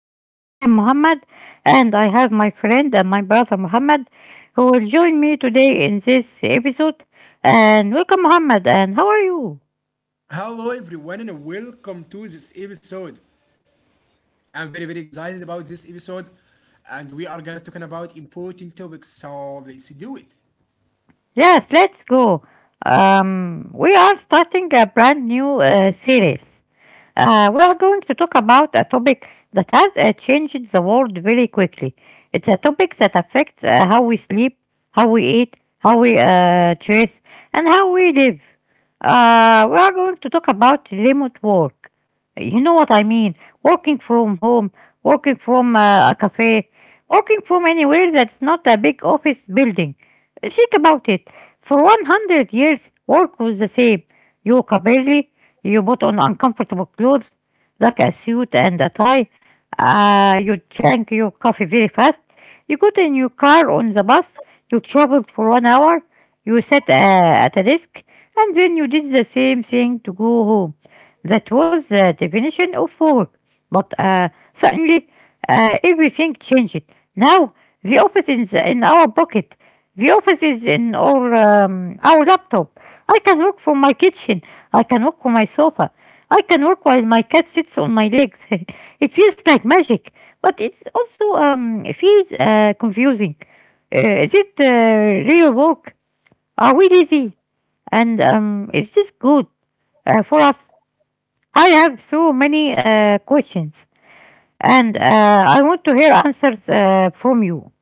episode. I'm Muhammad, and I have my friend and my brother Muhammad who will join me today in this episode. And welcome, Muhammad, and how are you? Hello everyone and welcome to this episode. I'm very excited about this episode and we are gonna talking about important topics, so let's do it. Yes, let's go. We are starting a brand new series. We are going to talk about a topic that has changed the world very quickly. It's a topic that affects how we sleep, how we eat, how we dress, and how we live. We are going to talk about remote work. You know what I mean? Working from home, working from a cafe, working from anywhere that's not a big office building. Think about it. For 100 years, work was the same. You work early, you put on uncomfortable clothes, like a suit and a tie. You drank your coffee very fast. You got in your car on the bus. You traveled for 1 hour. You sat at a desk. And then you did the same thing to go home. That was the definition of work. But suddenly, everything changed. Now, the office is in our pocket. The office is in our laptop. I can work from my kitchen. I can walk on my sofa. I can walk while my cat sits on my legs. It feels like magic, but it also feels confusing. Is it real work? Are we lazy? And is this good for us? I have so many questions, and I want to hear answers from you.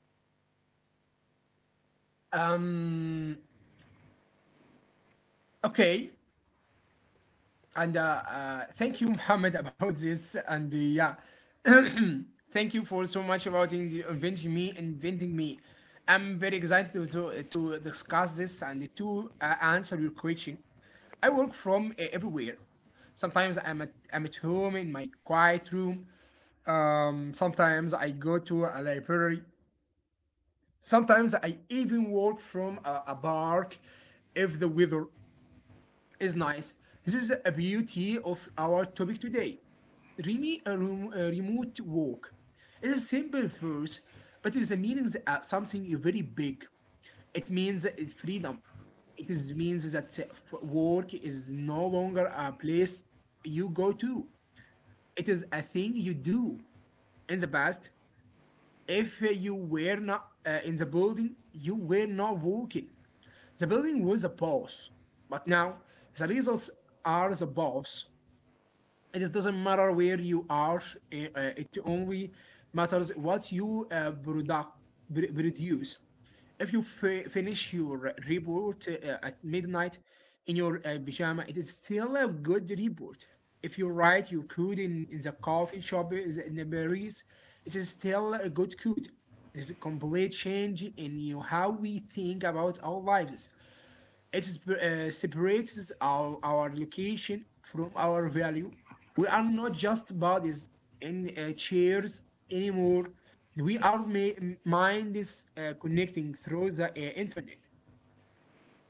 Um okay, and thank you, Muhammad, about this and yeah. Thank you for so much about inventing me. I'm very excited to discuss this and to answer your question. I work from everywhere. Sometimes I'm at home in my quiet room. Sometimes I go to a library. Sometimes I even walk from a park if the weather is nice. This is a beauty of our topic today. Really, a remote walk. It is simple first, but it means something very big. It means it's freedom. It is means that work is no longer a place you go to. It is a thing you do. In the past, if you were not in the building, you were not walking. The building was a boss, but now the results are the boss. It just doesn't matter where you are. It only matters what you produce. If you finish your report at midnight in your pajama, it is still a good report. If you write your code in the coffee shop in the Paris, it is still a good code. It's a complete change in you how we think about our lives. It is, separates our location from our value. We are not just bodies in chairs anymore. We are minds connecting through the internet.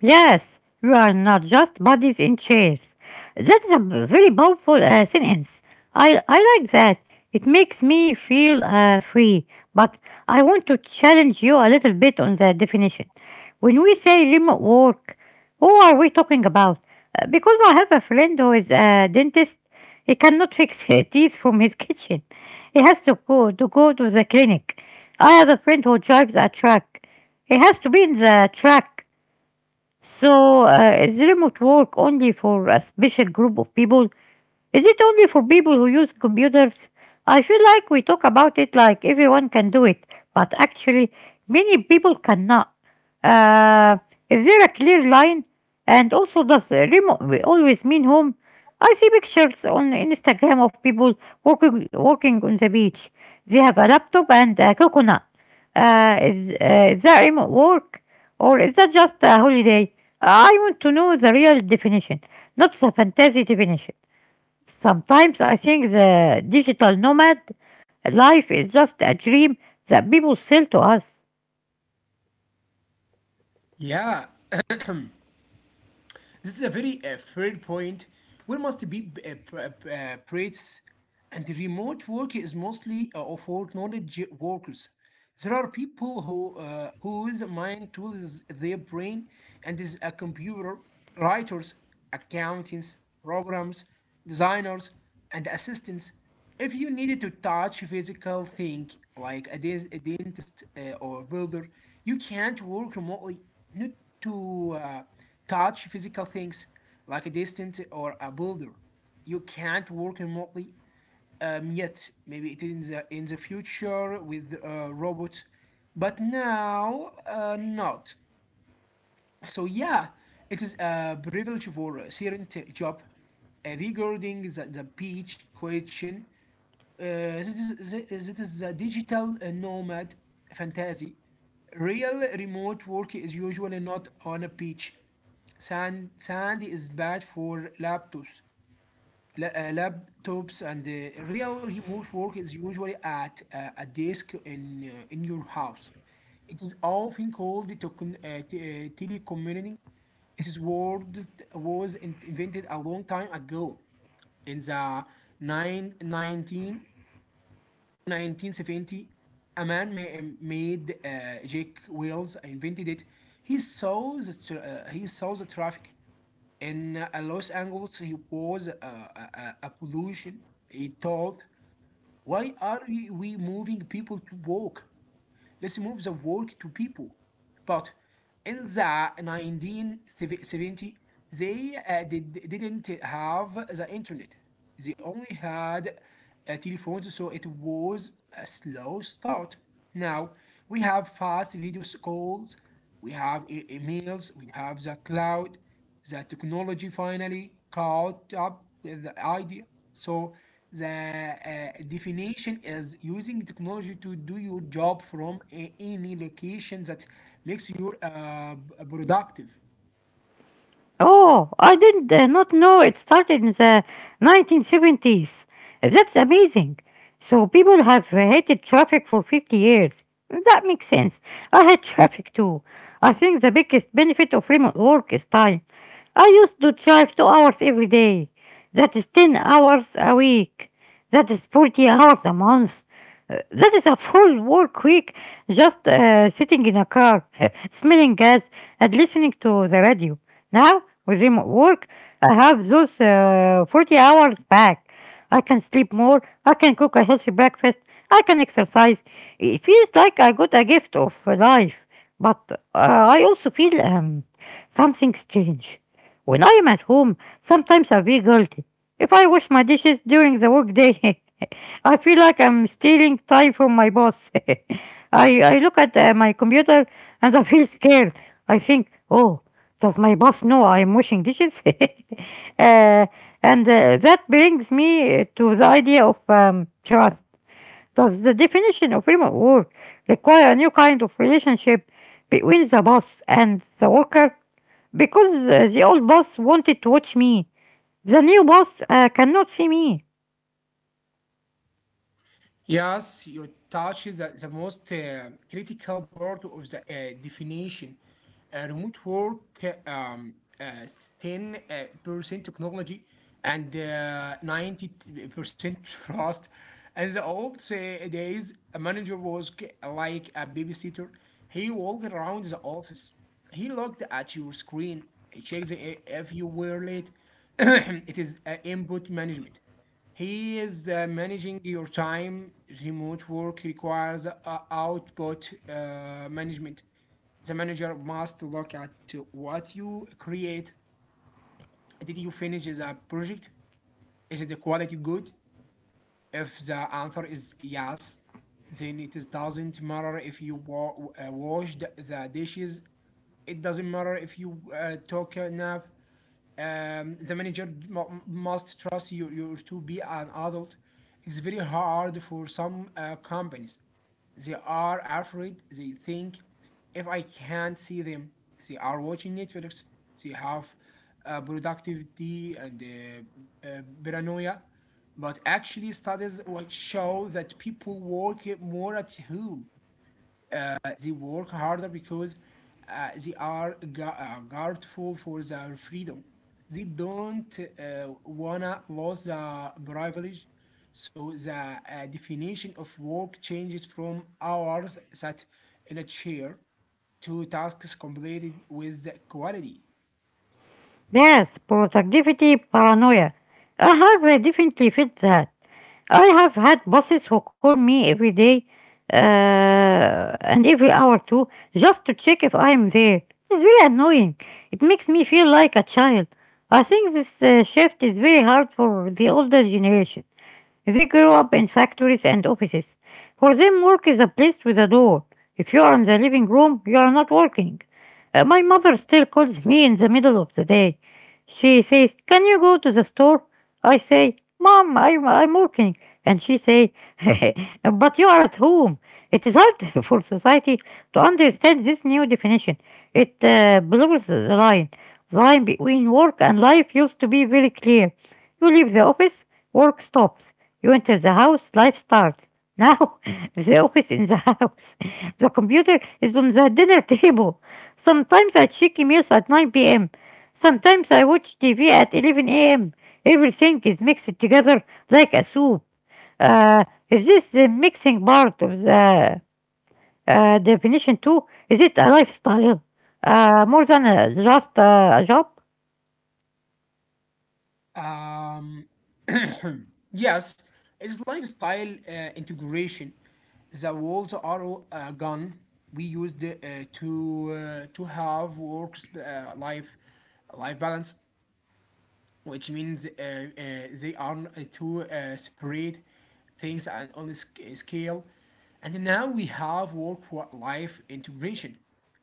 Yes, you are not just bodies in chairs. That's a very powerful sentence. I like that. It makes me feel free. But I want to challenge you a little bit on the definition. When we say remote work, who are we talking about? Because I have a friend who is a dentist. He cannot fix his teeth from his kitchen. He has to go to the clinic. I have a friend who drives a truck. He has to be in the truck, so, is remote work only for a special group of people, is it only for people who use computers? I feel like we talk about it like everyone can do it, but actually, many people cannot. Uh, is there a clear line? And also, does remote we always mean home? I see pictures on Instagram of people walking on the beach. They have a laptop and a coconut. Is that remote work? Or is that just a holiday? I want to know the real definition, not the fantasy definition. Sometimes I think the digital nomad life is just a dream that people sell to us. Yeah, this is a very fair point. We must be praised. And the remote work is mostly of for knowledge workers. There are people who whose mind tools their brain and is a computer: writers, accountants, programs, designers, and assistants. If you needed to touch physical thing like a dentist or builder, you can't work remotely not to touch physical things like a distant or a builder. You can't work remotely yet. Maybe it in the future with robots, but now not. So yeah, it is a privilege for a certain job. Regarding the beach question. This is the digital nomad fantasy. Real remote work is usually not on a beach. Sand is bad for laptops laptops, and real remote work is usually at a desk in your house. It is often called telecommuting. This word was invented a long time ago in the nineteen nineteen 70. A man ma- made Jake Wells invented it. He saw the he saw the traffic in Los Angeles, he was a pollution. He thought, why are we moving people to work? Let's move the work to people. But in the 1970, they didn't have the internet. They only had telephones, so it was a slow start. Now we have fast video calls, we have emails, we have the cloud. The technology finally caught up with the idea. So the definition is using technology to do your job from any location that makes you productive. Oh, I did not know it started in the 1970s. That's amazing. So people have hated traffic for 50 years. That makes sense. I hate traffic too. I think the biggest benefit of remote work is time. I used to drive 2 hours every day. That is 10 hours a week. That is 40 hours a month. That is a full work week just sitting in a car, smelling gas, and listening to the radio. Now, with remote work, I have those 40 hours back. I can sleep more, I can cook a healthy breakfast, I can exercise. It feels like I got a gift of life, but I also feel something's changed. When I am at home, sometimes I feel guilty. If I wash my dishes during the workday, I feel like I'm stealing time from my boss. I look at my computer and I feel scared. I think, oh, does my boss know I am washing dishes? And that brings me to the idea of trust. Does the definition of remote work require a new kind of relationship between the boss and the worker? Because the old boss wanted to watch me. The new boss cannot see me. Yes, you touch the most critical part of the definition. Remote work, uh, 10% technology and 90% trust. And the old days, a manager was like a babysitter. He walked around the office. He looked at your screen. He checked if you were late. It is input management. He is managing your time. Remote work requires output management. The manager must look at what you create. Did you finish the project? Is the quality good? If the answer is yes, then doesn't matter if you washed the dishes. It doesn't matter if you took a nap. The manager must trust you to be an adult. It's very hard for some companies. They are afraid. They think if I can't see them, they are watching Netflix. They have productivity and paranoia. But actually, studies would show that people work more at home. They work harder because they are guardful for their freedom. They don't wanna lose the privilege. So the definition of work changes from hours sat in a chair to tasks completed with quality. Yes, productivity paranoia. I have definitely fit that. I have had bosses who call me every day and every hour too, just to check if I am there. It's really annoying. It makes me feel like a child. I think this shift is very hard for the older generation. They grew up in factories and offices. For them, work is a place with a door. If you are in the living room, you are not working. My mother still calls me in the middle of the day. She says, "Can you go to the store?" I say, "Mom, I'm working," and she say, "But you are at home." It is hard for society to understand this new definition. It blurs the line. The line between work and life used to be very clear. You leave the office, work stops. You enter the house, life starts. Now, the office in the house. The computer is on the dinner table. Sometimes I check emails at 9 p.m. Sometimes I watch TV at 11 a.m. Everything is mixed together like a soup. Is this the mixing part of the definition too? Is it a lifestyle? More than just a job? Um, yes, it's lifestyle integration. The walls are a gun we used to have work life balance, which means they are two separate things and on a scale. And now we have work-life integration.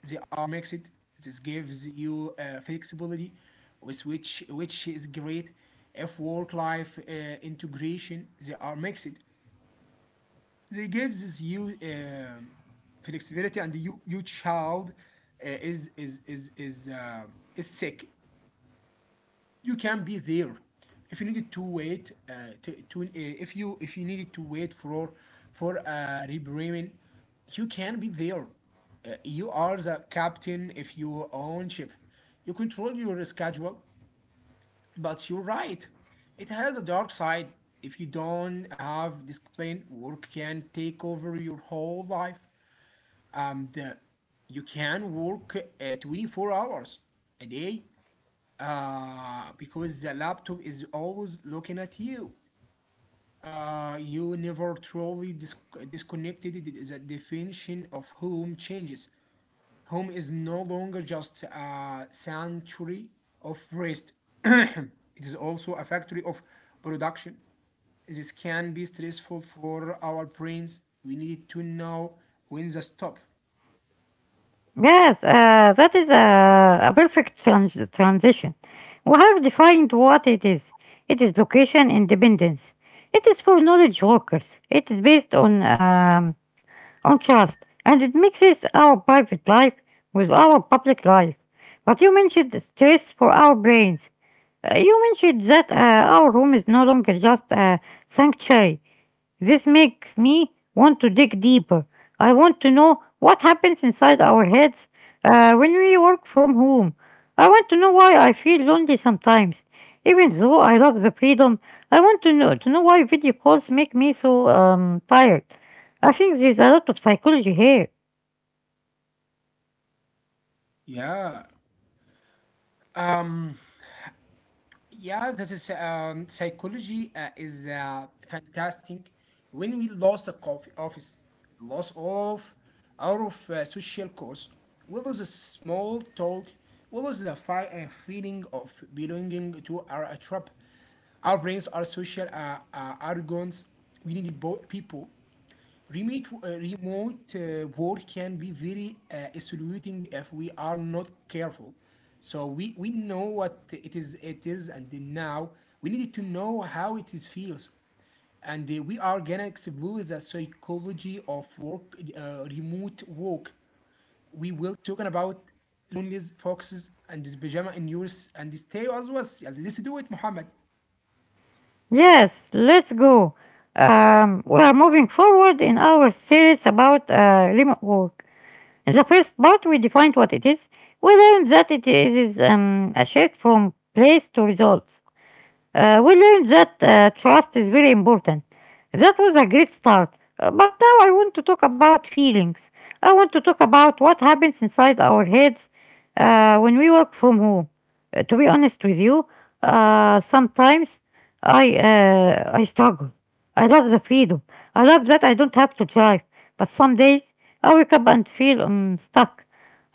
They are mixed. This gives you flexibility, with which is great. If work-life integration, they are mixed. They gives you um flexibility, and your child is sick, you can be there. If you needed to if you needed to wait for a rebranding, you can be there. You are the captain. If you own ship, you control your schedule. But you're right, it has a dark side. If you don't have discipline, work can take over your whole life. Um, uh, you can work 24 hours a day because the laptop is always looking at you. You never truly disconnected. The definition of home changes. Home is no longer just a sanctuary of rest. It is also a factory of production. This can be stressful for our brains. We need to know when to stop. Yes, that is a perfect transition. We have defined what it is. It is location independence. It is for knowledge workers. It is based on trust, and it mixes our private life with our public life. But you mentioned stress for our brains. You mentioned that our room is no longer just a sanctuary. This makes me want to dig deeper. I want to know what happens inside our heads when we work from home. I want to know why I feel lonely sometimes. Even though I love the freedom, I want to know why video calls make me so tired. I think there's a lot of psychology here. Yeah. Um. Yeah, this is psychology is fantastic. When we lost the coffee office, loss of out of social cause, what was a small talk? What was the feeling of belonging to our tribe? Our brains are social organs. We need people. Remote work can be very isolating if we are not careful. So we know what it is, and then now we need to know how it is feels, and we are gonna explore the psychology of remote work. We will talking about loneliness, foxes, and pajama in yours, and stay as was. Yeah, let's do it, Muhammad. Yes, let's go. We are moving forward in our series about remote work. In the first part, we defined what it is. We learned that it is a shift from place to results. We learned that trust is very important. That was a great start. But now I want to talk about feelings. I want to talk about what happens inside our heads when we work from home. To be honest with you, sometimes I struggle. I love the freedom. I love that I don't have to drive. But some days I wake up and feel stuck.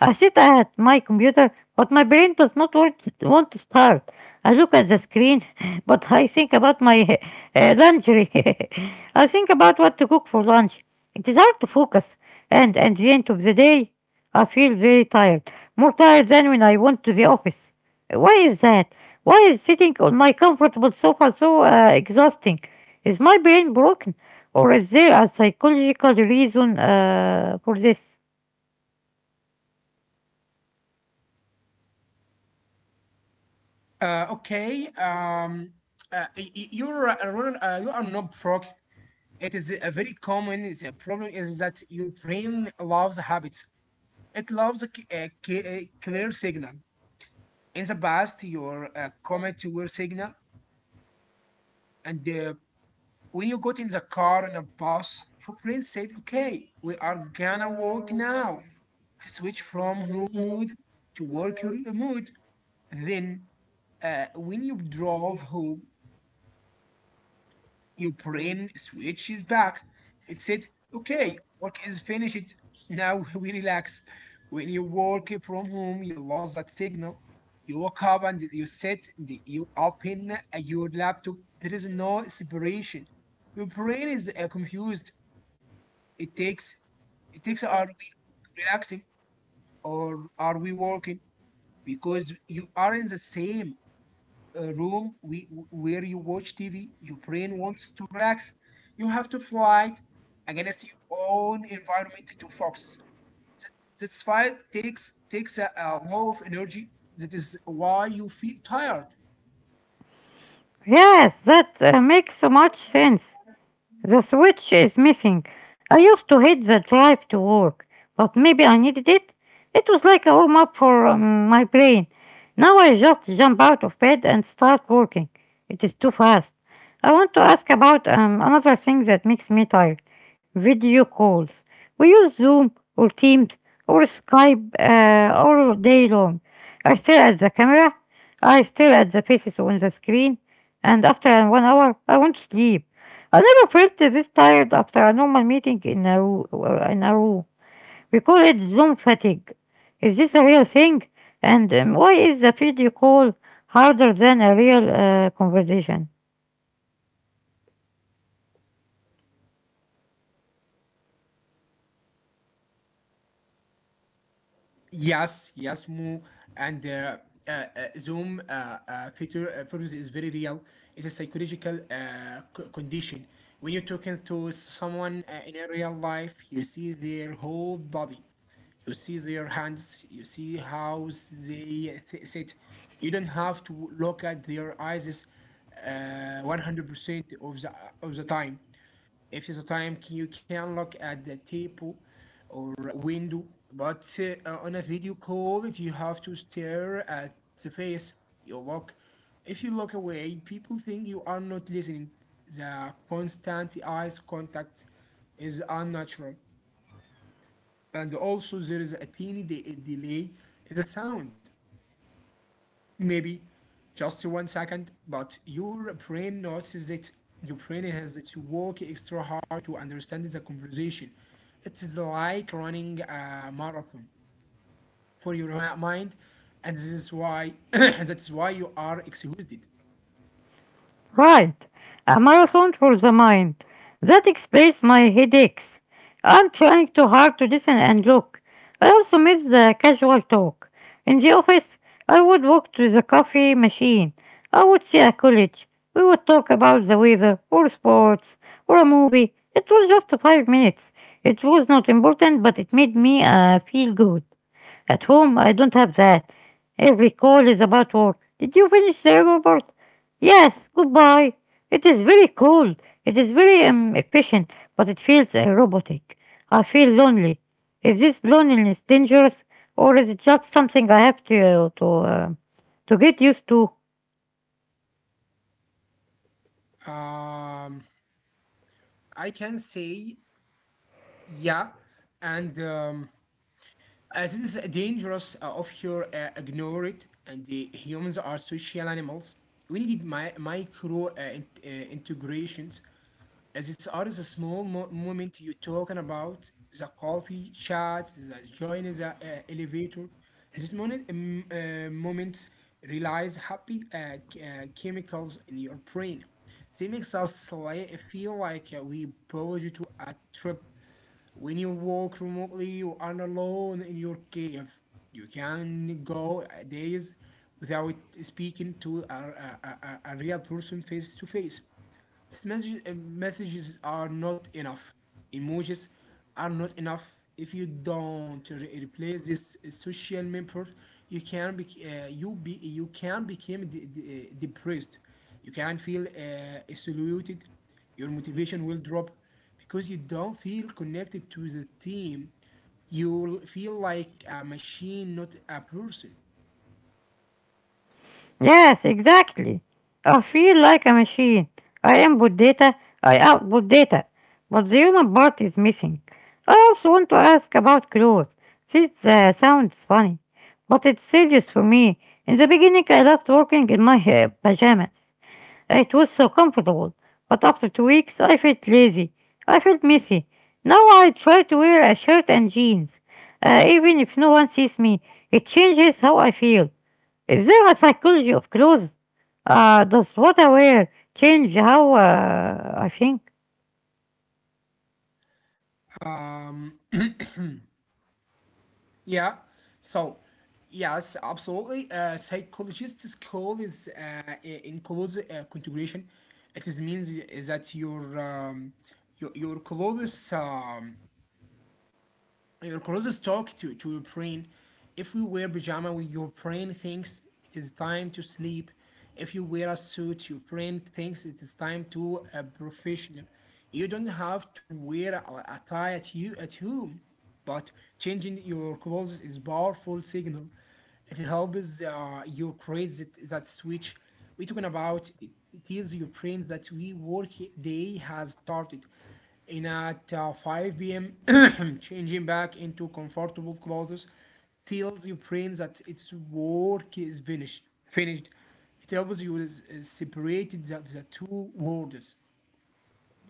I sit at my computer, but my brain does not want want to start. I look at the screen but I think about my laundry. I think about what to cook for lunch. It is hard to focus, and at the end of the day, I feel very tired, more tired than when I went to the office. Why is that? Why is sitting on my comfortable sofa so exhausting? Is my brain broken, or is there a psychological reason for this? Okay. You're a runner, you are not frog. It is a very common is a problem is that your brain loves habits. It loves a clear signal. In the past, your comet were signal, and when you got in the car and a bus, your brain said, "Okay, we are gonna walk now." Switch from home mood to work your mood. Then, when you drove home, your brain switches back. It said, okay, work is finished. Now we relax. When you work from home, you lost that signal. You wake up and you sit, and you open your laptop. There is no separation. Your brain is confused. It takes, it takes, are we relaxing or are we working? Because you are in the same a room we, where you watch TV, your brain wants to relax. You have to fight against your own environment to focus. That, that's fight takes a lot of energy. That is why you feel tired. Yes, that makes so much sense. The switch is missing. I used to hit the drive to work, but maybe I needed it. It was like a warm up for my brain. Now I just jump out of bed and start working. It is too fast. I want to ask about another thing that makes me tired: video calls. We use Zoom or Teams or Skype all day long. I stare at the camera, I stare at the faces on the screen, and after 1 hour, I want to sleep. I never felt this tired after a normal meeting in in a room. We call it Zoom fatigue. Is this a real thing? And why is the video call harder than a real conversation? Yes, Mo, and uh, uh, Zoom, Peter, virus is very real. It's a psychological condition. When you're talking to someone in a real life, you see their whole body. You see their hands, you see how they sit. You don't have to look at their eyes 100% of the time. If it's a time, you can look at the table or window. But on a video call, you have to stare at the face. You look If you look away, people think you are not listening. The constant eyes contact is unnatural. And also there is a teeny delay in the sound, maybe just 1 second, but your brain notices it. Your brain has to work extra hard to understand the conversation. It is like running a marathon for your mind, and this is why that's why you are exhausted. Right, a marathon for the mind. That explains my headaches. I'm trying too hard to listen and look. I also miss the casual talk. In the office, I would walk to the coffee machine. I would see a college. We would talk about the weather, or sports, or a movie. It was just 5 minutes. It was not important, but it made me feel good. At home, I don't have that. Every call is about work. Did you finish the report? Yes, goodbye. It is very cold. It is very efficient, but it feels robotic. I feel lonely. Is this loneliness dangerous, or is it just something I have to get used to? um I can say, yeah. and As it is dangerous of your ignore it, and the humans are social animals. We needed my micro integrations. As it's always a small moment you're talking about the coffee chat, the joining the elevator. This moment, moment relies happy chemicals in your brain. They makes us feel like we belong to a trip when you work remotely, you are alone in your cave. You can go days without speaking to a real person face to face. Messages are not enough. Emojis are not enough. If you don't replace this social member, you can be you be you can become depressed. You can feel isolated. Your motivation will drop because you don't feel connected to the team. You will feel like a machine, not a person. Yes, exactly. I feel like a machine. I input data, I output data, but the human part is missing. I also want to ask about clothes. This sounds funny, but it's serious for me. In the beginning, I loved working in my pajamas. It was so comfortable, but after 2 weeks, I felt lazy. I felt messy. Now I try to wear a shirt and jeans. Even if no one sees me, it changes how I feel. Is there a psychology of clothes? Does what I wear change how I think? Um. Yeah. So, yes, absolutely. Psychologist's call is includes configuration. It is means that your clothes, your closest talk to your brain. If you wear pajama, your brain thinks it is time to sleep. If you wear a suit, your brain thinks it is time to a professional. You don't have to wear a tie at you at home, but changing your clothes is powerful signal. It helps you create that switch. We're talking about it, tells your brain that we work day has started and at 5 p.m., changing back into comfortable clothes tells your brain that its work is finished. Finished. It helps you is separate the two worlds.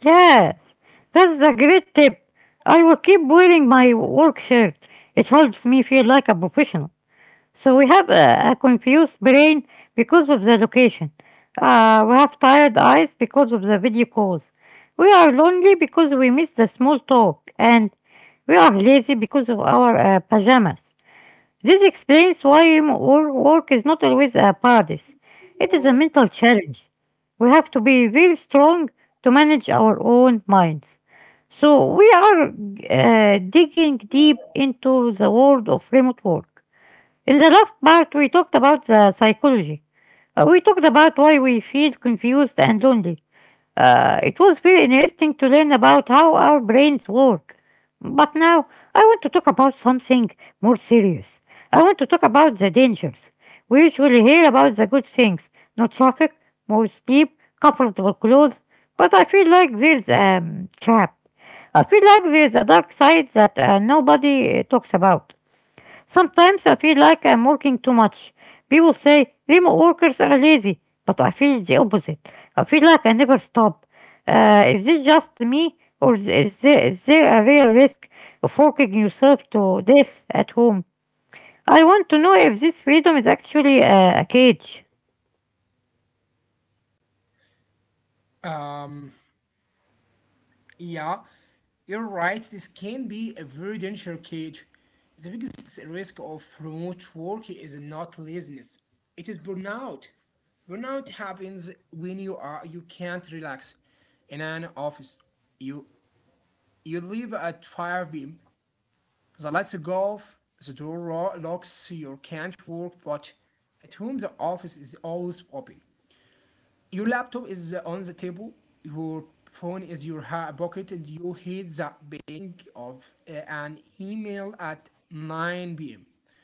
Yes, that's a great tip. I will keep wearing my work shirt. It helps me feel like a professional. So we have a confused brain because of the location. We have tired eyes because of the video calls. We are lonely because we miss the small talk, and we are lazy because of our pajamas. This explains why remote work is not always a paradise. It is a mental challenge. We have to be very strong to manage our own minds. So we are digging deep into the world of remote work. In the last part, we talked about the psychology. We talked about why we feel confused and lonely. It was very interesting to learn about how our brains work. But now I want to talk about something more serious. I want to talk about the dangers. We usually hear about the good things, not traffic, more sleep, comfortable clothes, but I feel like there's a trap. I feel like there's a dark side that nobody talks about. Sometimes I feel like I'm working too much. People say remote workers are lazy, but I feel the opposite. I feel like I never stop. Is this just me, or is there a real risk of working yourself to death at home? I want to know if this freedom is actually a cage. Um, yeah, you're right. This can be a very dangerous cage. The biggest risk of remote work is not laziness. It is burnout. Burnout happens when you are you can't relax in an office. You You leave at 5 pm. The lights go off, the door locks, you can't work, but at home the office is always open. Your laptop is on the table, your phone is in your pocket, and you hear the ping of an email at 9 pm.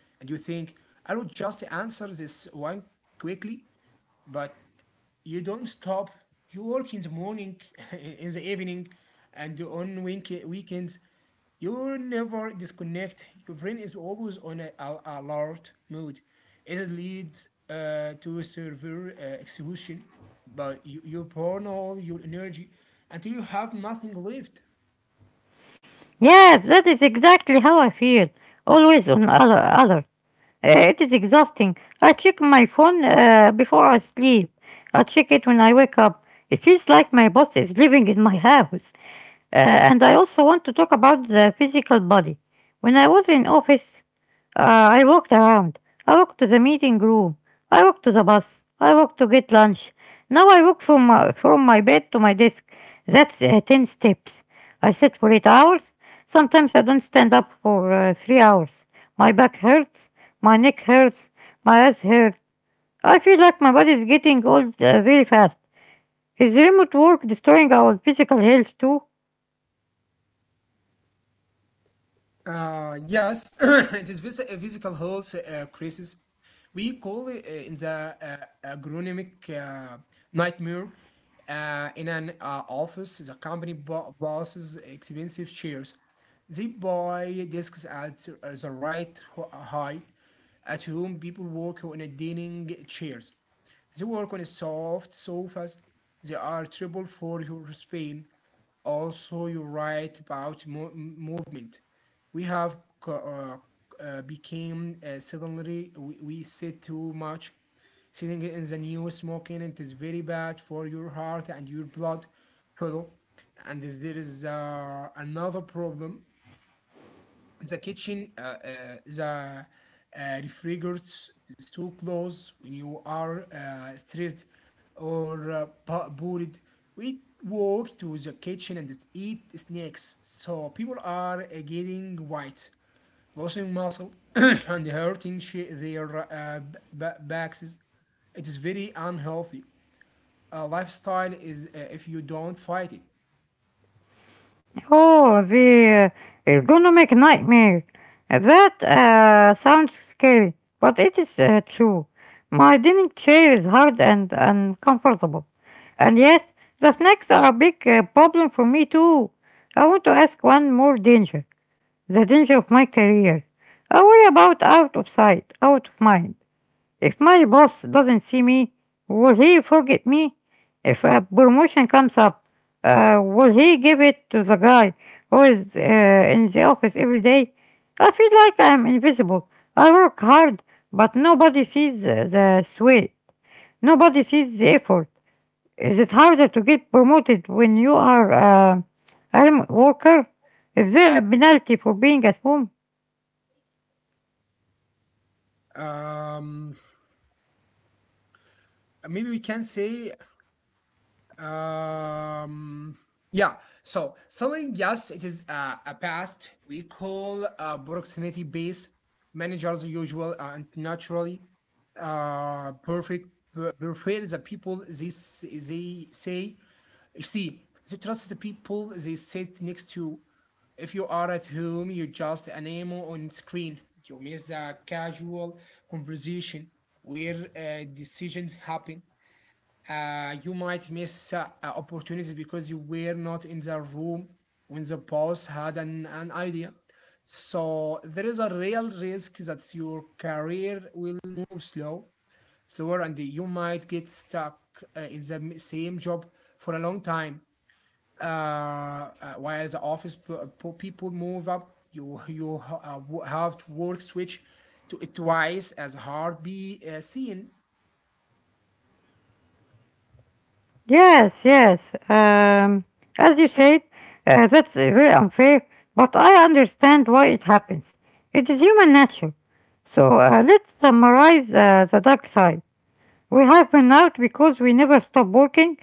And you think, I will just answer this one quickly, but you don't stop. You work in the morning, in the evening, and on weekends. You never disconnect. Your brain is always on alert mode. It leads to a severe exhaustion, but you burn all your energy until you have nothing left. Yes, that is exactly how I feel. Always on other alert. It is exhausting. I check my phone before I sleep. I check it when I wake up. It feels like my boss is living in my house. Uh, and I also want to talk about the physical body. When I was in office, I walked around. I walked to the meeting room. I walked to the bus. I walked to get lunch. Now I walk from my bed to my desk. That's 10 steps. I sit for 8 hours. Sometimes I don't stand up for 3 hours. My back hurts. My neck hurts. My eyes hurt. I feel like my body is getting old very fast. Is remote work destroying our physical health too? Yes, it is a physical health crisis. We call it in the agronomic nightmare. In an office, the company bosses expensive chairs. They buy desks at the right height. At home, people work on a dining chairs. They work on a soft sofas. They are trouble for your spine. Also, you write about movement. We have co- became suddenly we sit too much. Sitting in the new smoking, it is very bad for your heart and your blood. Hello. And there is another problem the kitchen, the refrigerators, too close when you are stressed or bored. We walk to the kitchen and eat snacks. So people are getting white, losing muscle, and hurting their backs. It is very unhealthy. Lifestyle is if you don't fight it. Oh, the ergonomic nightmare. That sounds scary, but it is true. My dining chair is hard and uncomfortable. And yes, the snacks are a big problem for me too. I want to ask one more danger, the danger of my career. I worry about out of sight, out of mind. If my boss doesn't see me, will he forget me? If a promotion comes up, will he give it to the guy who is in the office every day? I feel like I'm invisible. I work hard, but nobody sees the sweat. Nobody sees the effort. Is it harder to get promoted when you are a remote worker? Is there a penalty for being at home? Um, maybe we can say Um, yeah. So selling, yes, it is a past. We call proximity based managers usual and naturally perfect. Prefer the people they say see they trust the people they sit next to. If you are at home, you just an emo on screen. You miss a casual conversation where decisions happen, you might miss opportunities because you were not in the room when the boss had an idea. So there is a real risk that your career will move slower, and you might get stuck in the same job for a long time. While the office people move up, have to work switch to it twice as hard be seen. Yes, yes. As you said, that's very unfair, but I understand why it happens. It is human nature. So let's summarize the dark side. We have burnout because we never stop working.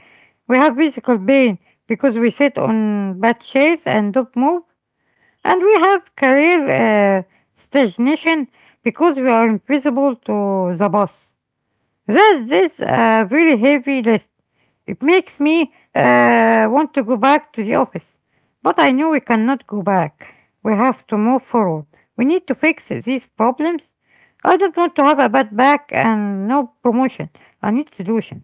We have physical pain because we sit on bad chairs and don't move. And we have career stagnation because we are invisible to the boss. That is a really heavy list. It makes me want to go back to the office. But I know we cannot go back. We have to move forward. We need to fix these problems. I don't want to have a bad back and no promotion. I need solution.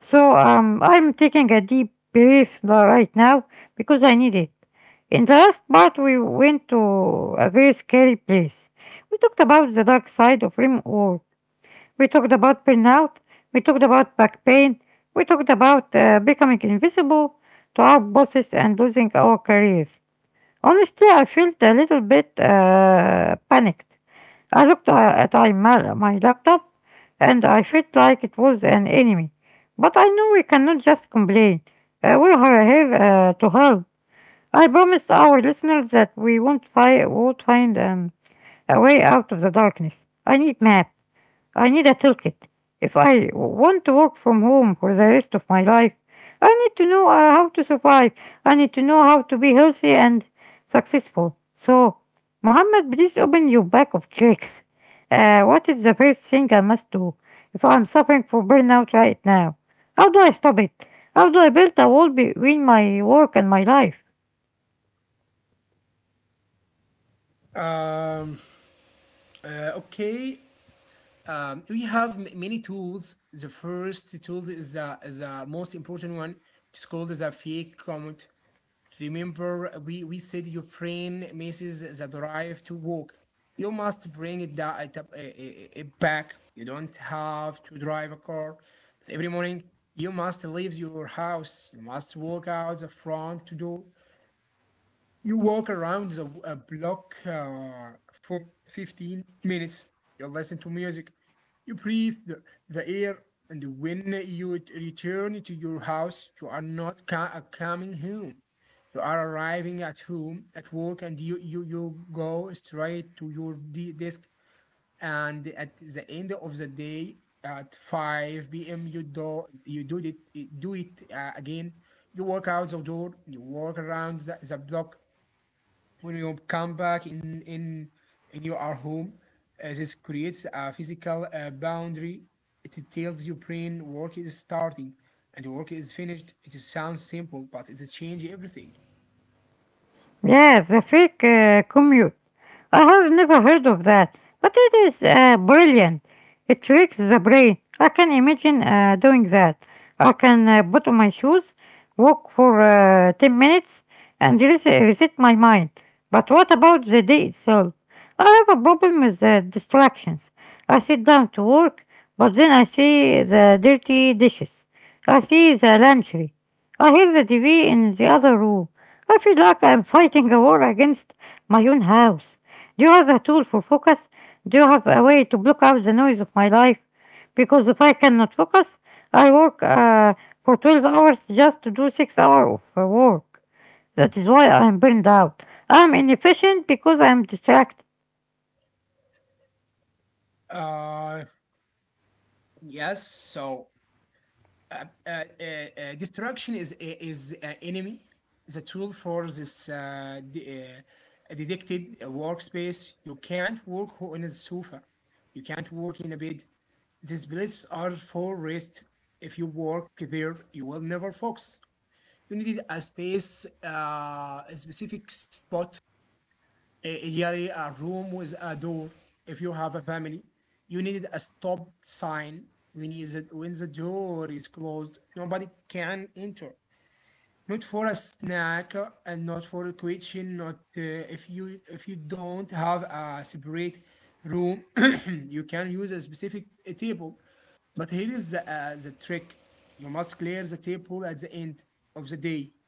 So I'm taking a deep breath right now because I need it. In the last part, we went to a very scary place. We talked about the dark side of RIM, or we talked about burnout. We talked about back pain. We talked about becoming invisible to our bosses and losing our careers. Honestly, I felt a little bit panicked. I looked my laptop and I felt like it was an enemy. But I know we cannot just complain. We are here to help. I promised our listeners that we won't find a way out of the darkness. I need maps. I need a toolkit. If I want to work from home for the rest of my life, I need to know how to survive. I need to know how to be healthy and successful. So, Muhammad, please open your bag of tricks. What is the first thing I must do if I'm suffering from burnout right now? How do I stop it? How do I build a wall between my work and my life? Um, okay. We have many tools. The first tool is is the most important one. It's called the fake comment. Remember, we said your brain misses the drive to walk. You must bring it, da- it, up- I- it back. You don't have to drive a car. But every morning, you must leave your house. You must walk out the front door. You walk around a block for 15 minutes. You listen to music. You breathe the air. And when you return to your house, you are not coming home. You are arriving at home, at work, and you go straight to your desk. And at the end of the day, at 5 p.m., you do it again. You walk out the door, you walk around the block when you come back in your home, this creates a physical boundary. It tells your brain work is starting and work is finished. It sounds simple, but it changes everything. Yeah, the fake commute. I have never heard of that, but it is brilliant. It tricks the brain. I can imagine doing that. I can put on my shoes, walk for 10 minutes, and reset my mind. But what about the day itself? I have a problem with distractions. I sit down to work, but then I see the dirty dishes. I see the laundry. I hear the TV in the other room. I feel like I'm fighting a war against my own house. Do you have a tool for focus? Do you have a way to block out the noise of my life? Because if I cannot focus, I work for 12 hours just to do 6 hours of work. That is why I'm burned out. I'm inefficient because I'm distracted. Uh, yes. Uh, uh, uh, destruction is an enemy. The tool for this detected workspace. You can't work on a sofa. You can't work in a bed. These places are for rest. If you work there, you will never focus. You needed a space, a specific spot, a room with a door. If you have a family, you needed a stop sign when is it, when the door is closed. Nobody can enter. Not for a snack and not for a kitchen. Not If you if you don't have a separate room, you can use a specific table. But here is the trick: you must clear the table at the end of the day.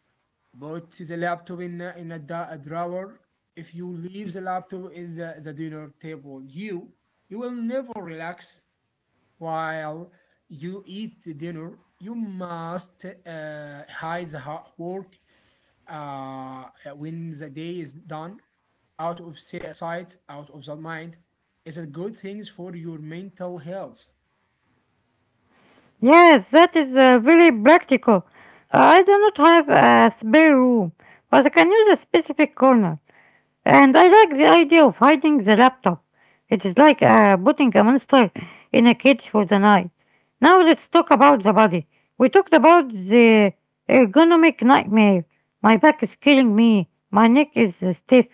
Put the laptop in a drawer. If you leave the laptop in the dinner table, you will never relax while you eat the dinner. You must hide the hard work uh, when the day is done, out of sight, out of the mind. It's a good things for your mental health. Yes, that is very practical. I do not have a spare room, but I can use a specific corner. And I like the idea of hiding the laptop. It is like putting a monster in a cage for the night. Now let's talk about the body. We talked about the ergonomic nightmare. My back is killing me. My neck is stiff.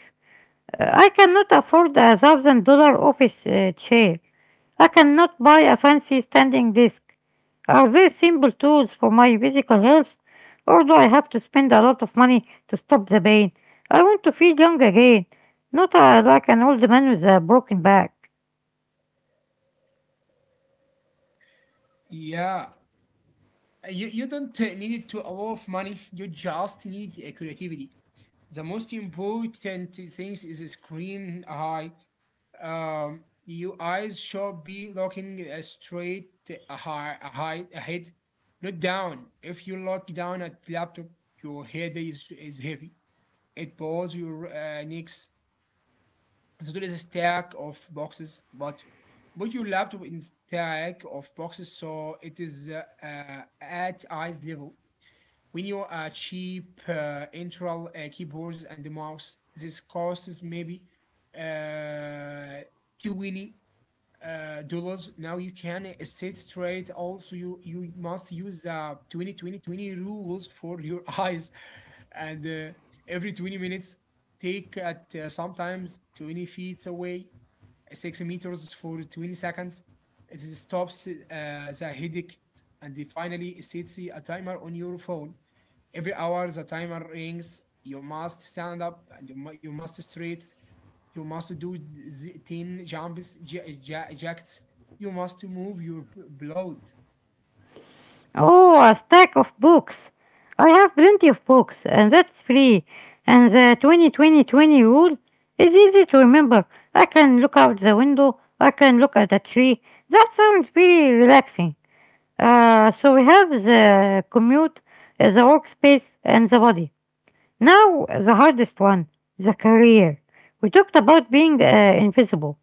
I cannot afford $1,000 office chair. I cannot buy a fancy standing desk. Are there simple tools for my physical health, or do I have to spend a lot of money to stop the pain? I want to feel young again, not like an old man with a broken back. Yeah, you don't need to a lot of money. You just need creativity. The most important things is screen high. Your eyes should be looking straight ahead, not down. If you look down at laptop, your head is heavy. It pulls your necks. So there is a stack of boxes, but put your laptop in stack of boxes so it is at eyes level. When you cheap internal keyboards and the mouse, this costs maybe uh, 20 dollars. Now you can sit straight. Also, you must use 20-20-20 rules for your eyes, and every 20 minutes take at sometimes 20 feet away, 6 meters for 20 seconds. It stops the headache, and finally sets a timer on your phone. Every hour the timer rings. You must stand up and you must straight. You must do 10 jumps, you must move your blood. Oh, a stack of books. I have plenty of books, and that's free. And the 20-20-20 rule is easy to remember. I can look out the window, I can look at the tree. That sounds very relaxing. So we have the commute, the workspace, and the body. Now, the hardest one, the career. We talked about being invisible.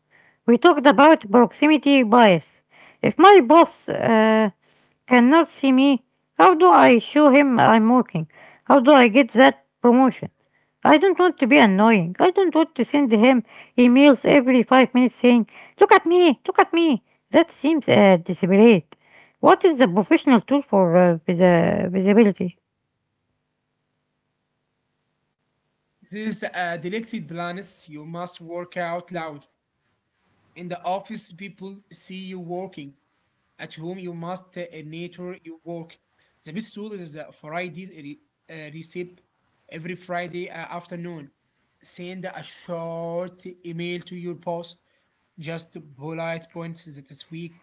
We talked about proximity bias. If my boss cannot see me, how do I show him I'm working? How do I get that promotion? I don't want to be annoying. I don't want to send him emails every 5 minutes saying, "Look at me, look at me." That seems desperate. What is the professional tool for visibility? These deleted planets, you must work out loud. In the office, people see you working. At home, you must nature your work. The best tool is the Friday receipt every Friday afternoon. Send a short email to your boss. Just bullet points this week.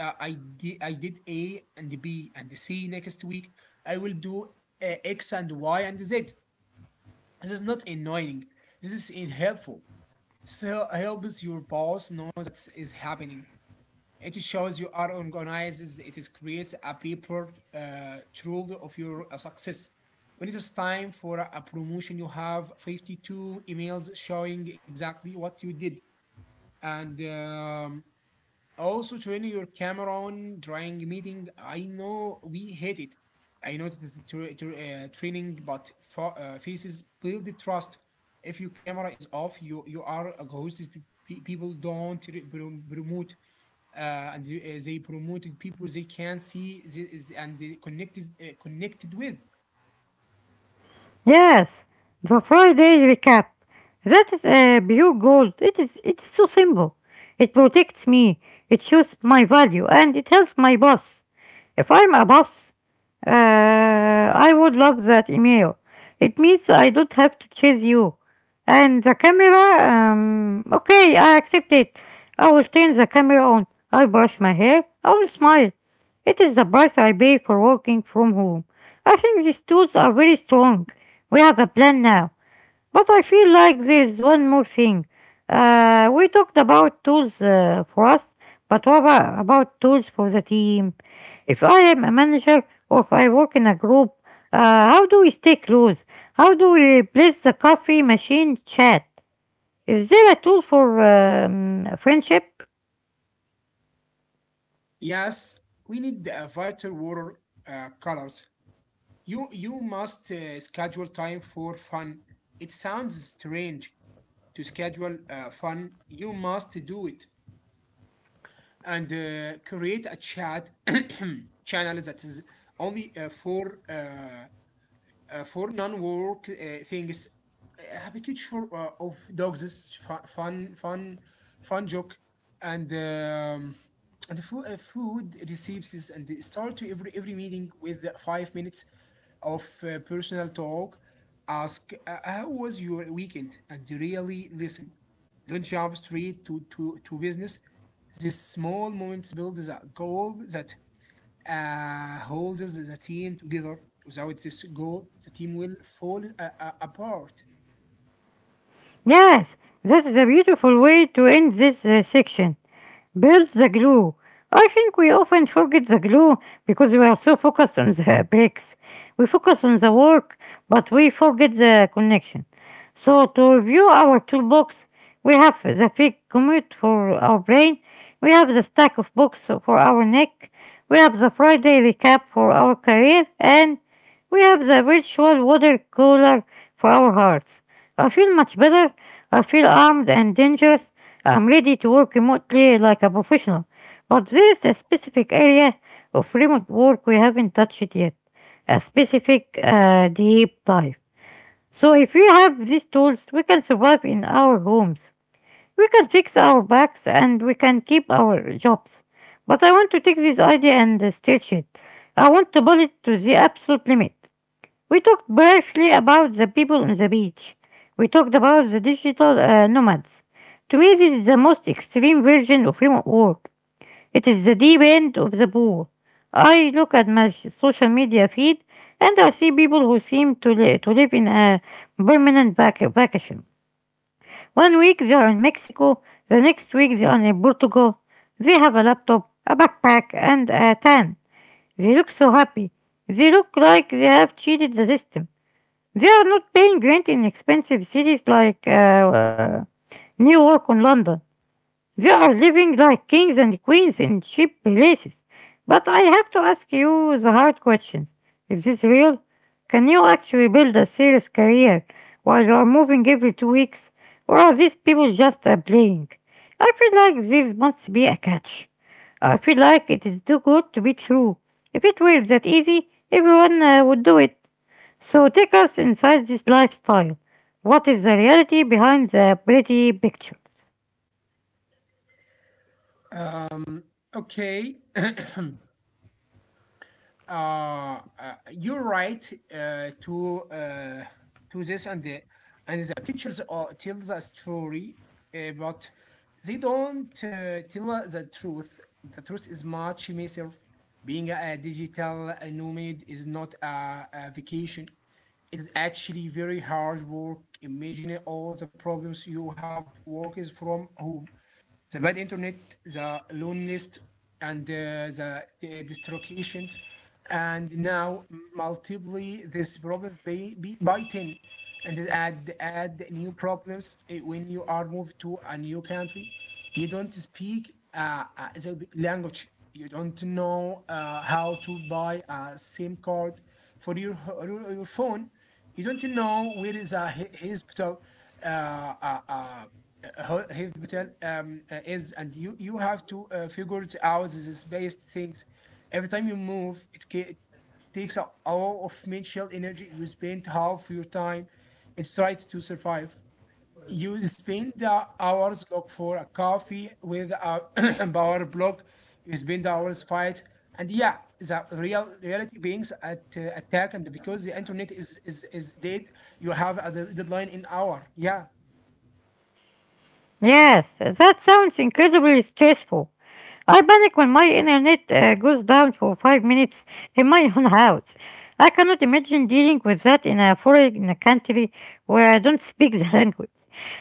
I did A and B and C. Next week, I will do X and Y and Z. This is not annoying. This is in helpful. So it helps your boss know what is happening. It shows you are organized. It is creates a paper trail of your success. When it is time for a promotion, you have 52 emails showing exactly what you did. And Also, turning your camera on during meeting. I know we hate it. I know it is training, but for, faces build the trust. If your camera is off, you are a ghost. People don't uh, they promote people they can see and they connected with. Yes, the Friday recap. That is a pure gold. It's so simple. It protects me. It shows my value, and it helps my boss. If I'm a boss, I would love that email. It means I don't have to chase you. And the camera, okay, I accept it. I will turn the camera on. I brush my hair. I will smile. It is the price I pay for working from home. I think these tools are very strong. We have a plan now, but I feel like there's one more thing. We talked about tools for us, but about tools for the team? If I am a manager or if I work in a group, uh, how do we stay close? How do we replace the coffee machine chat? Is there a tool for friendship? Yes, we need the vital water colors. You must schedule time for fun. It sounds strange to schedule fun. You must do it and create a chat channel that is only for non-work things, have a picture of dogs, fun joke, and food, food recipes, and they start to every meeting with the 5 minutes of personal talk. Ask how was your weekend, and really listen. Don't jump straight to business. This small moments builds a goal that holds the team together. Without this goal, the team will fall apart. Yes, that is a beautiful way to end this section. Build the glue. I think we often forget the glue because we are so focused on the bricks. We focus on the work, but we forget the connection. So, to review our toolbox, we have the fig commute for our brain, we have the stack of books for our neck, we have the Friday recap for our career, and we have the virtual water cooler for our hearts. I feel much better. I feel armed and dangerous. I'm ready to work remotely like a professional, but there is a specific area of remote work we haven't touched yet, a specific deep dive. So if we have these tools, we can survive in our homes. We can fix our backs and we can keep our jobs. But I want to take this idea and stretch it. I want to pull it to the absolute limit. We talked briefly about the people on the beach. We talked about the digital nomads. To me, this is the most extreme version of remote work. It is the deep end of the pool. I look at my social media feed and I see people who seem to live in a permanent vacation. One week they are in Mexico, the next week they are in Portugal. They have a laptop, a backpack, and a tan. They look so happy. They look like they have cheated the system. They are not paying rent in expensive cities like New York or London. They are living like kings and queens in cheap places. But I have to ask you the hard questions. Is this real? Can you actually build a serious career while you are moving every two weeks? Or are these people just playing? I feel like there must be a catch. I feel like it is too good to be true. If it were that easy, everyone would do it. So take us inside this lifestyle. What is the reality behind the pretty picture? Um, okay. uh, uh, you're right to this, and and the pictures are, tell the story but they don't tell the truth. The truth is much messier. Being a digital nomad is not a vacation, it is actually very hard work. Imagine all the problems you have work from home: the bad internet, the loneliness, and the destructions, and now multiply these problems by 10 and add new problems when you are moved to a new country. You don't speak the language, you don't know how to buy a sim card for your phone, you don't know where is a hospital uh, uh, uh, uh, hospital is, and you have to figure it out this based things. Every time you move it takes a hour of mental energy. You spend half your time it's try to survive. You spend the hours look for a coffee with a power block. You spend the hours fight, and yeah, the real reality beings at attack. And because the internet is dead, you have a deadline in hour. Yeah, Yes, that sounds incredibly stressful. I panic when my internet goes down for five minutes in my own house. I cannot imagine dealing with that in a foreign country where I don't speak the language.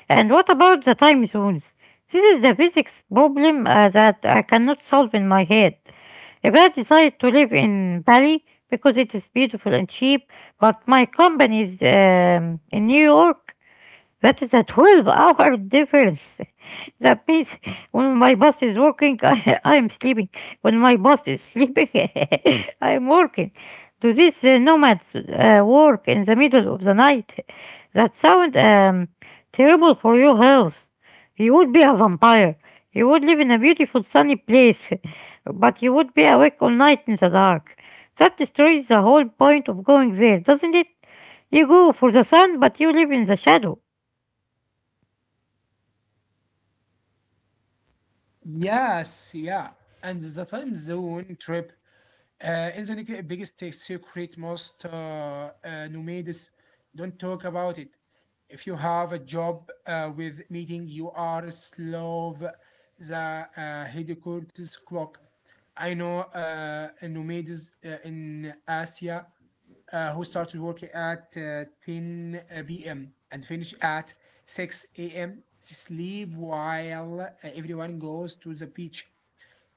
And what about the time zones? This is the physics problem that I cannot solve in my head. If I decide to live in Bali because it is beautiful and cheap, but my company is in New York, that is a 12-hour difference. That means when my boss is working, I am sleeping. When my boss is sleeping, I'm working. Do these nomads work in the middle of the night? That sounds terrible for your health. You would be a vampire. You would live in a beautiful sunny place, but you would be awake all night in the dark. That destroys the whole point of going there, doesn't it? You go for the sun, but you live in the shadow. yes, yeah. And the time zone trip is the biggest secret most nomads don't talk about it. If you have a job with meeting, you are slow the headquarters clock. I know nomads in Asia who started work at 10 p.m. and finish at 6 a.m. Sleep while everyone goes to the beach.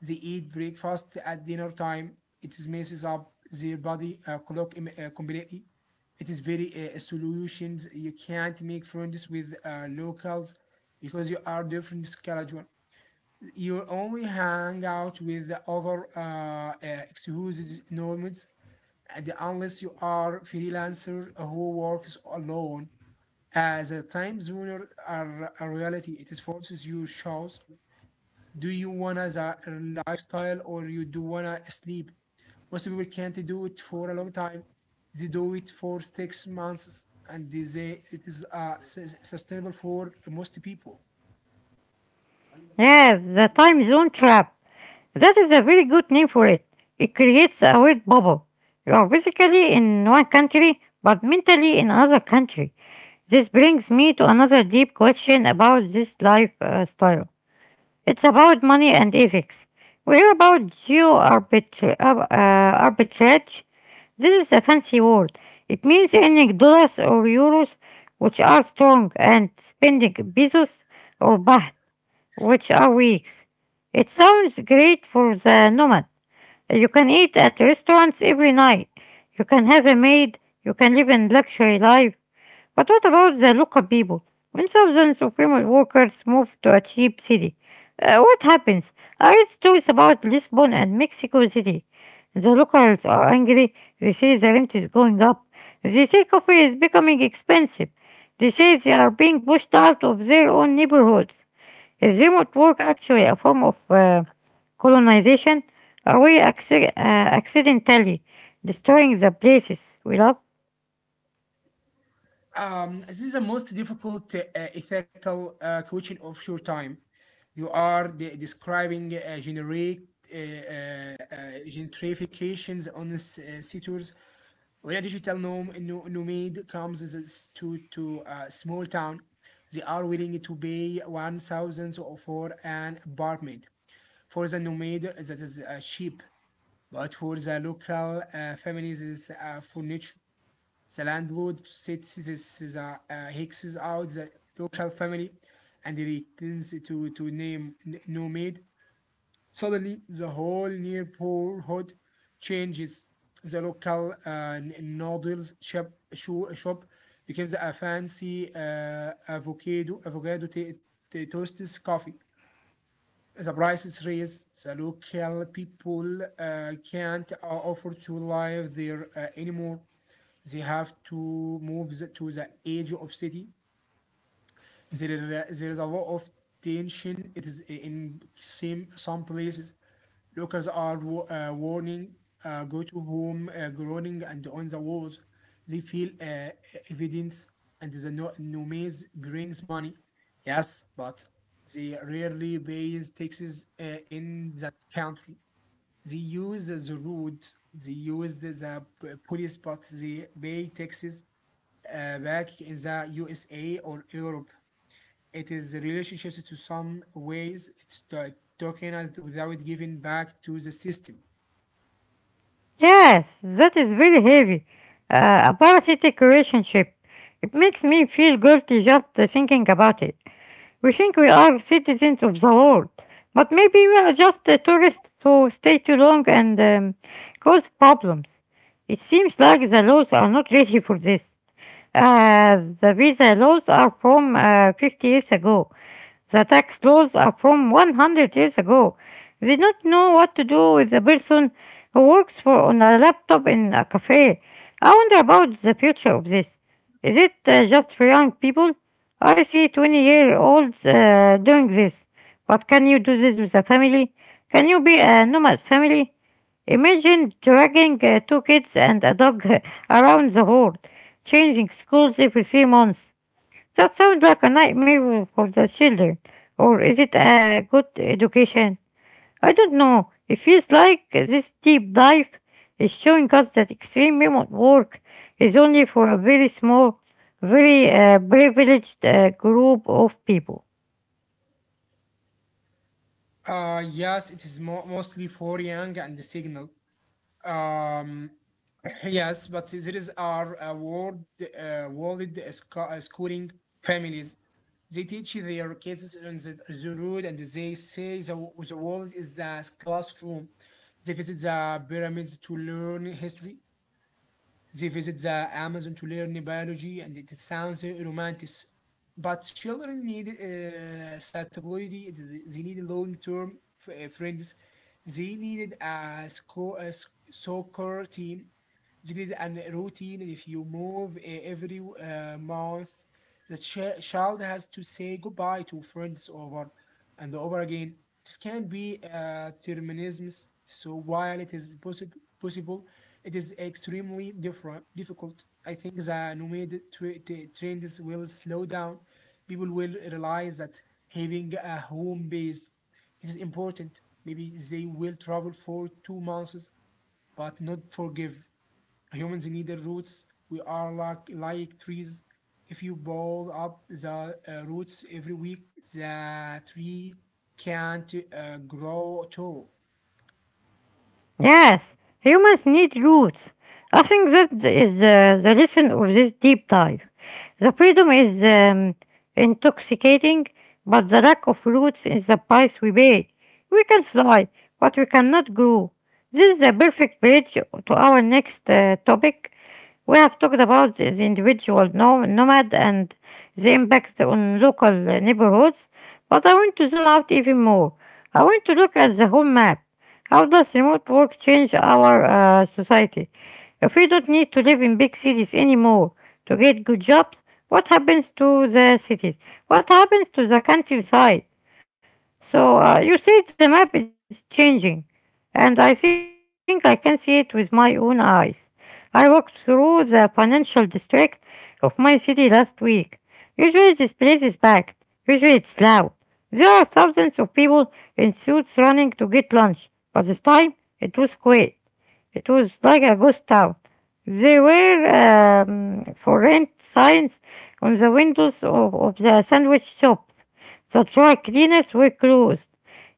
They eat breakfast at dinner time. It is messes up their body clock completely. It is very solutions. You can't make friends with locals because you are different schedule. You only hang out with the other excuses, norms, and unless you are freelancer who works alone as a time zoner are a reality. It is forces you shows do you wanna the lifestyle or you do wanna sleep. Most people can't do it for a long time. They do it for 6 months and they it is sustainable for most people. Yes, the time zone trap. That is a very good name for it. It creates a weird bubble. You are physically in one country, but mentally in another country. This brings me to another deep question about this lifestyle. It's about money and ethics. We're about geo-arbitrage. Arbitrage. This is a fancy word. It means earning dollars or euros, which are strong, and spending pesos or baht, which are weeks. It sounds great for the nomad. You can eat at restaurants every night. You can have a maid. You can live in luxury life. But what about the local people? When thousands of female workers move to a cheap city, what happens? I read stories about Lisbon and Mexico City. The locals are angry. They say the rent is going up. They say coffee is becoming expensive. They say they are being pushed out of their own neighborhoods. Is remote work actually a form of colonization? Are we accidentally destroying the places we love? This is the most difficult ethical question of your time. You are describing generic uh, uh, uh, gentrifications on sectors. When a digital nomad comes to a small town, they are willing to pay 1,000 for an apartment. For the nomad, that is cheap, but for the local families, is furniture. The landlord states Hicks out the local family and returns to name Nomad. Suddenly, the whole neighborhood changes. The local noodles shop, shop becomes a fancy avocado toasts coffee. The prices raise. The local people can't afford to live there anymore. They have to move the, to the edge of city. There is a lot of tension. It is in same, some places. Locals are warning, go to home, groaning, and on the walls. They feel evidence, and the nomads brings money. Yes, but they rarely pay taxes in that country. They use the roads, they use the police, but they pay taxes back in the USA or Europe. It is relationships to some ways it's tokenized without giving back to the system. Yes, that is very heavy. A parasitic relationship. It makes me feel guilty just thinking about it. We think we are citizens of the world, but maybe we are just tourists who stay too long and cause problems. It seems like the laws are not ready for this. The visa laws are from 50 years ago. The tax laws are from 100 years ago. They don't know what to do with a person who works for on a laptop in a cafe. I wonder about the future of this. Is it just for young people? I see 20-year-olds doing this. But can you do this with a family? Can you be a nomad family? Imagine dragging two kids and a dog around the world, changing schools every three months. That sounds like a nightmare for the children. Or is it a good education? I don't know. It feels like this deep dive is showing us that extreme remote work is only for a very small, very privileged group of people. Yes, it is mostly for Yang and the signal. Um, yes, but there is our world schooling families. They teach their kids on the road, and they say the world is a classroom. They visit the pyramids to learn history. They visit the Amazon to learn biology, and it sounds romantic. But children need stability. They need long-term friends. They needed a, sco- a s- soccer team. They need a routine. And if you move every month, the child has to say goodbye to friends over and over again. This can be determinism. So while it is possible, it is extremely difficult. I think the nomad trends will slow down. People will realize that having a home base is important. Maybe they will travel for 2 months, but not forgive. Humans need the roots. We are like trees. If you bowl up the roots every week, the tree can't grow tall. Yes, humans need roots. I think that is the lesson of this deep dive. The freedom is intoxicating, but the lack of roots is the price we pay. We can fly, but we cannot grow. This is a perfect bridge to our next topic. We have talked about the individual nomad and the impact on local neighborhoods, but I want to zoom out even more. I want to look at the whole map. How does remote work change our society? If we don't need to live in big cities anymore to get good jobs, what happens to the cities? What happens to the countryside? So you said the map is changing, and I think I can see it with my own eyes. I walked through the financial district of my city last week. Usually this place is packed. Usually it's loud. There are thousands of people in suits running to get lunch, but this time it was quiet. It was like a ghost town. There were for rent signs on the windows of the sandwich shop, the dry cleaners were closed.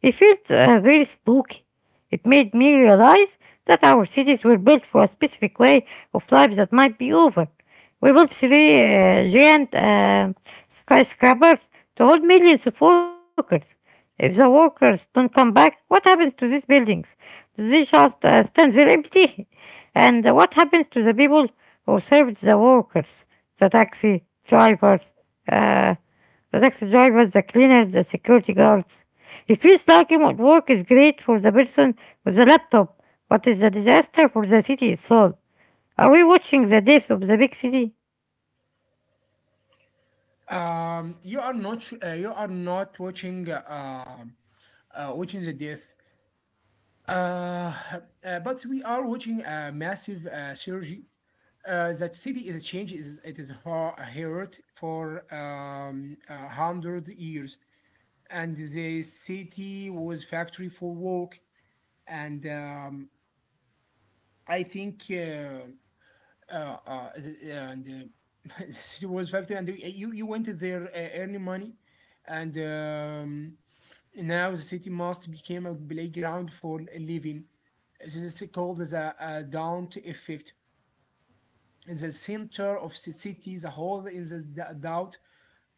It felt very spooky. It made me realize that our cities were built for a specific way of life that might be over. We built three giant skyscrapers to hold millions of workers. If the workers don't come back, what happens to these buildings? Do they just stand there empty? And what happens to the people who served the workers? The taxi drivers, uh, the taxi drivers, the cleaners, the security guards. It feels like remote work is great for the person with the laptop, but it's a disaster for the city itself. Are we watching the death of the big city? You are not you are not watching watching the death, uh, but we are watching a massive surgery. That city is a change. Is it is hurt for 100 years, and the city was factory for work. And I think. Is it- yeah, and uh, it was factory, and you went there earning money, and now the city must became a playground for living. This is called the Daunt effect. In the center of the city, the whole in the doubt,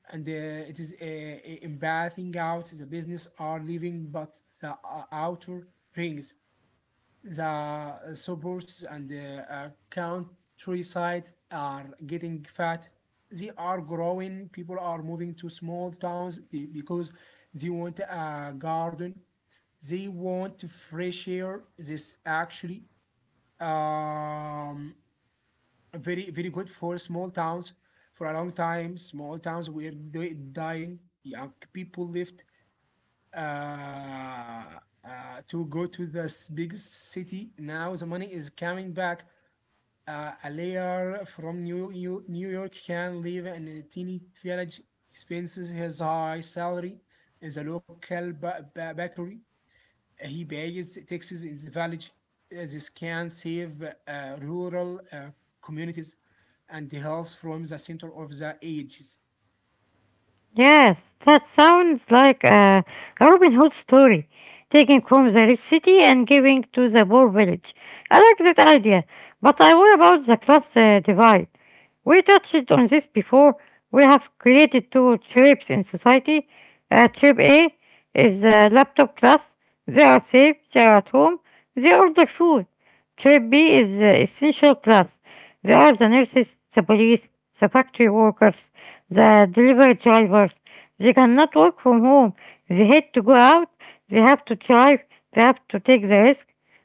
and it is embathing out. The business are living, but the outer rings. The suburbs and the countryside are getting fat. They are growing. People are moving to small towns because they want a garden. They want fresh air. This actually um, very very good for small towns. For a long time, small towns were dying. Young people left uh, to go to this big city. Now the money is coming back. A layer from New York can live in a teeny village. Expenses his high salary in the local bakery. He pays taxes in the village. This can save rural communities and health from the center of the ages. Yes, that sounds like a Robin Hood story, taking from the rich city and giving to the poor village. I like that idea, but I worry about the class divide. We touched on this before. We have created two tribes in society. Tribe A is the laptop class. They are safe, they are at home, they order food. Tribe B is the essential class. They are the nurses, the police, the factory workers, the delivery drivers. They cannot work from home. They had to go out. They have to drive. They have to take the risk.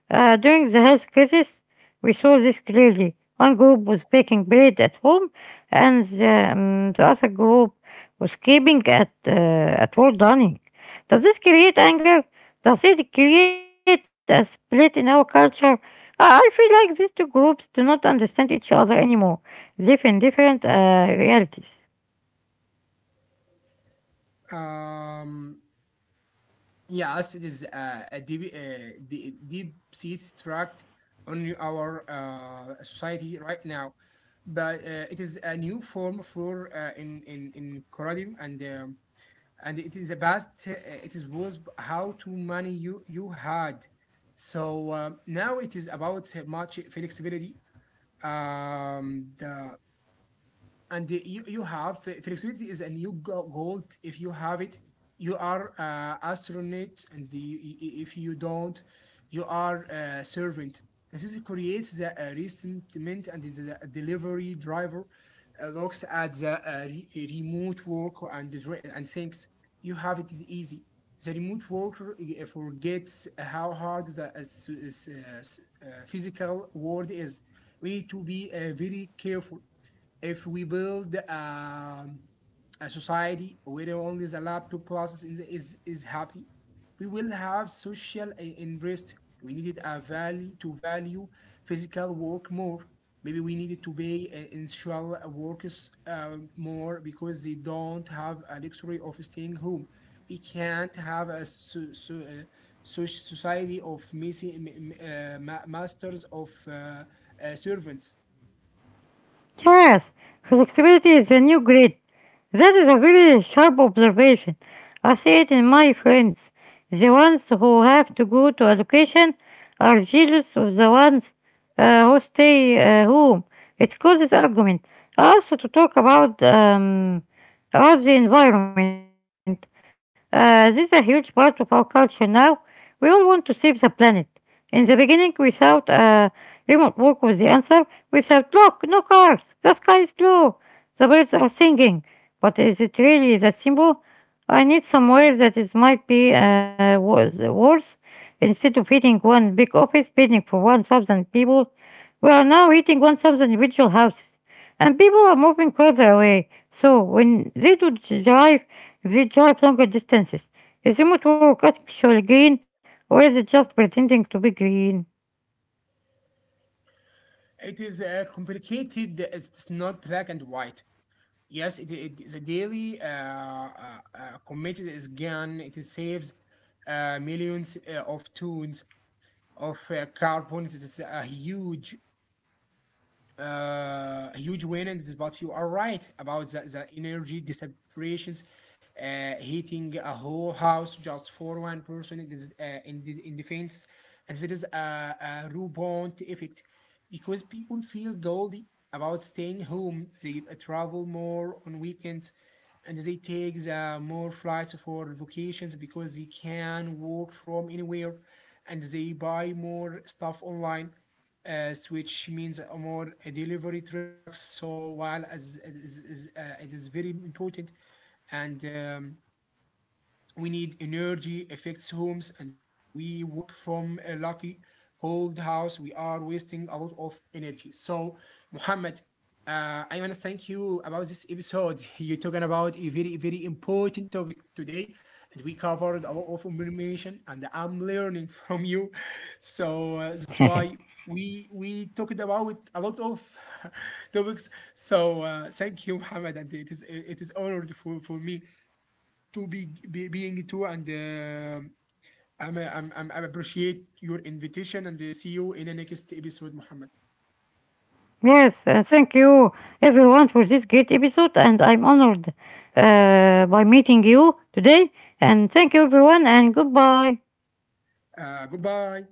During the health crisis, we saw this clearly. One group was baking bread at home, and the other group was keeping at work dining. Does this create anger? Does it create a split in our culture? I feel like these two groups do not understand each other anymore. They Live in different realities. Um, Yes, it is a deep, deep seat tract on our society right now, but it is a new form for in Coradium, and it is a past. It is was how too many you had, so now it is about much flexibility. The And you have flexibility is a new gold. If you have it, you are astronaut, and the, if you don't, you are a servant. And this creates the resentment, and the delivery driver looks at the remote work and thinks you have it easy. The remote worker forgets how hard the uh, physical world is. We need to be very careful. If we build a society where only the lab two classes in the, is happy, we will have social unrest. We needed a value to value physical work more. Maybe we needed to pay initial workers more because they don't have a luxury of staying home. We can't have a society of messy, masters of servants. Yes, flexibility is the new grid. That is a very sharp observation. I see it in my friends. The ones who have to go to education are jealous of the ones who stay home. It causes argument. Also, to talk about the environment. This is a huge part of our culture now. We all want to save the planet. In the beginning, we thought remote work was the answer. Without shout, look, no cars, the sky is blue, the birds are singing. But is it really that simple? I need somewhere that is might be worse. Instead of hitting one big office building for 1,000 people, we are now hitting 1,000 individual houses. And people are moving further away. So when they do drive, they drive longer distances. Is remote work actually green or is it just pretending to be green? It is complicated. It's not black and white. Yes, it the daily uh, committed is gone. It saves millions of tons of carbon. It is uh, a huge win in this, but you are right about the energy separations, hitting a whole house just for one person in, this, in defense. And there is a rebound effect because people feel guilty about staying home. They travel more on weekends, and they take the more flights for vacations because they can work from anywhere, and they buy more stuff online as which means a more a delivery trucks. So while as it it is very important, and we need energy effects homes, and we work from a lucky cold house we are wasting a lot of energy. So Muhammad, I want to thank you about this episode you're talking about a very very important topic today, and we covered a lot of information, and I'm learning from you so that's why we talked about a lot of topics. So thank you Muhammad, and it is honored for me to be being too, and I appreciate your invitation, and see you in the next episode, Muhammad. Yes, thank you everyone for this great episode, and I'm honored by meeting you today. And thank you everyone, and goodbye. Goodbye.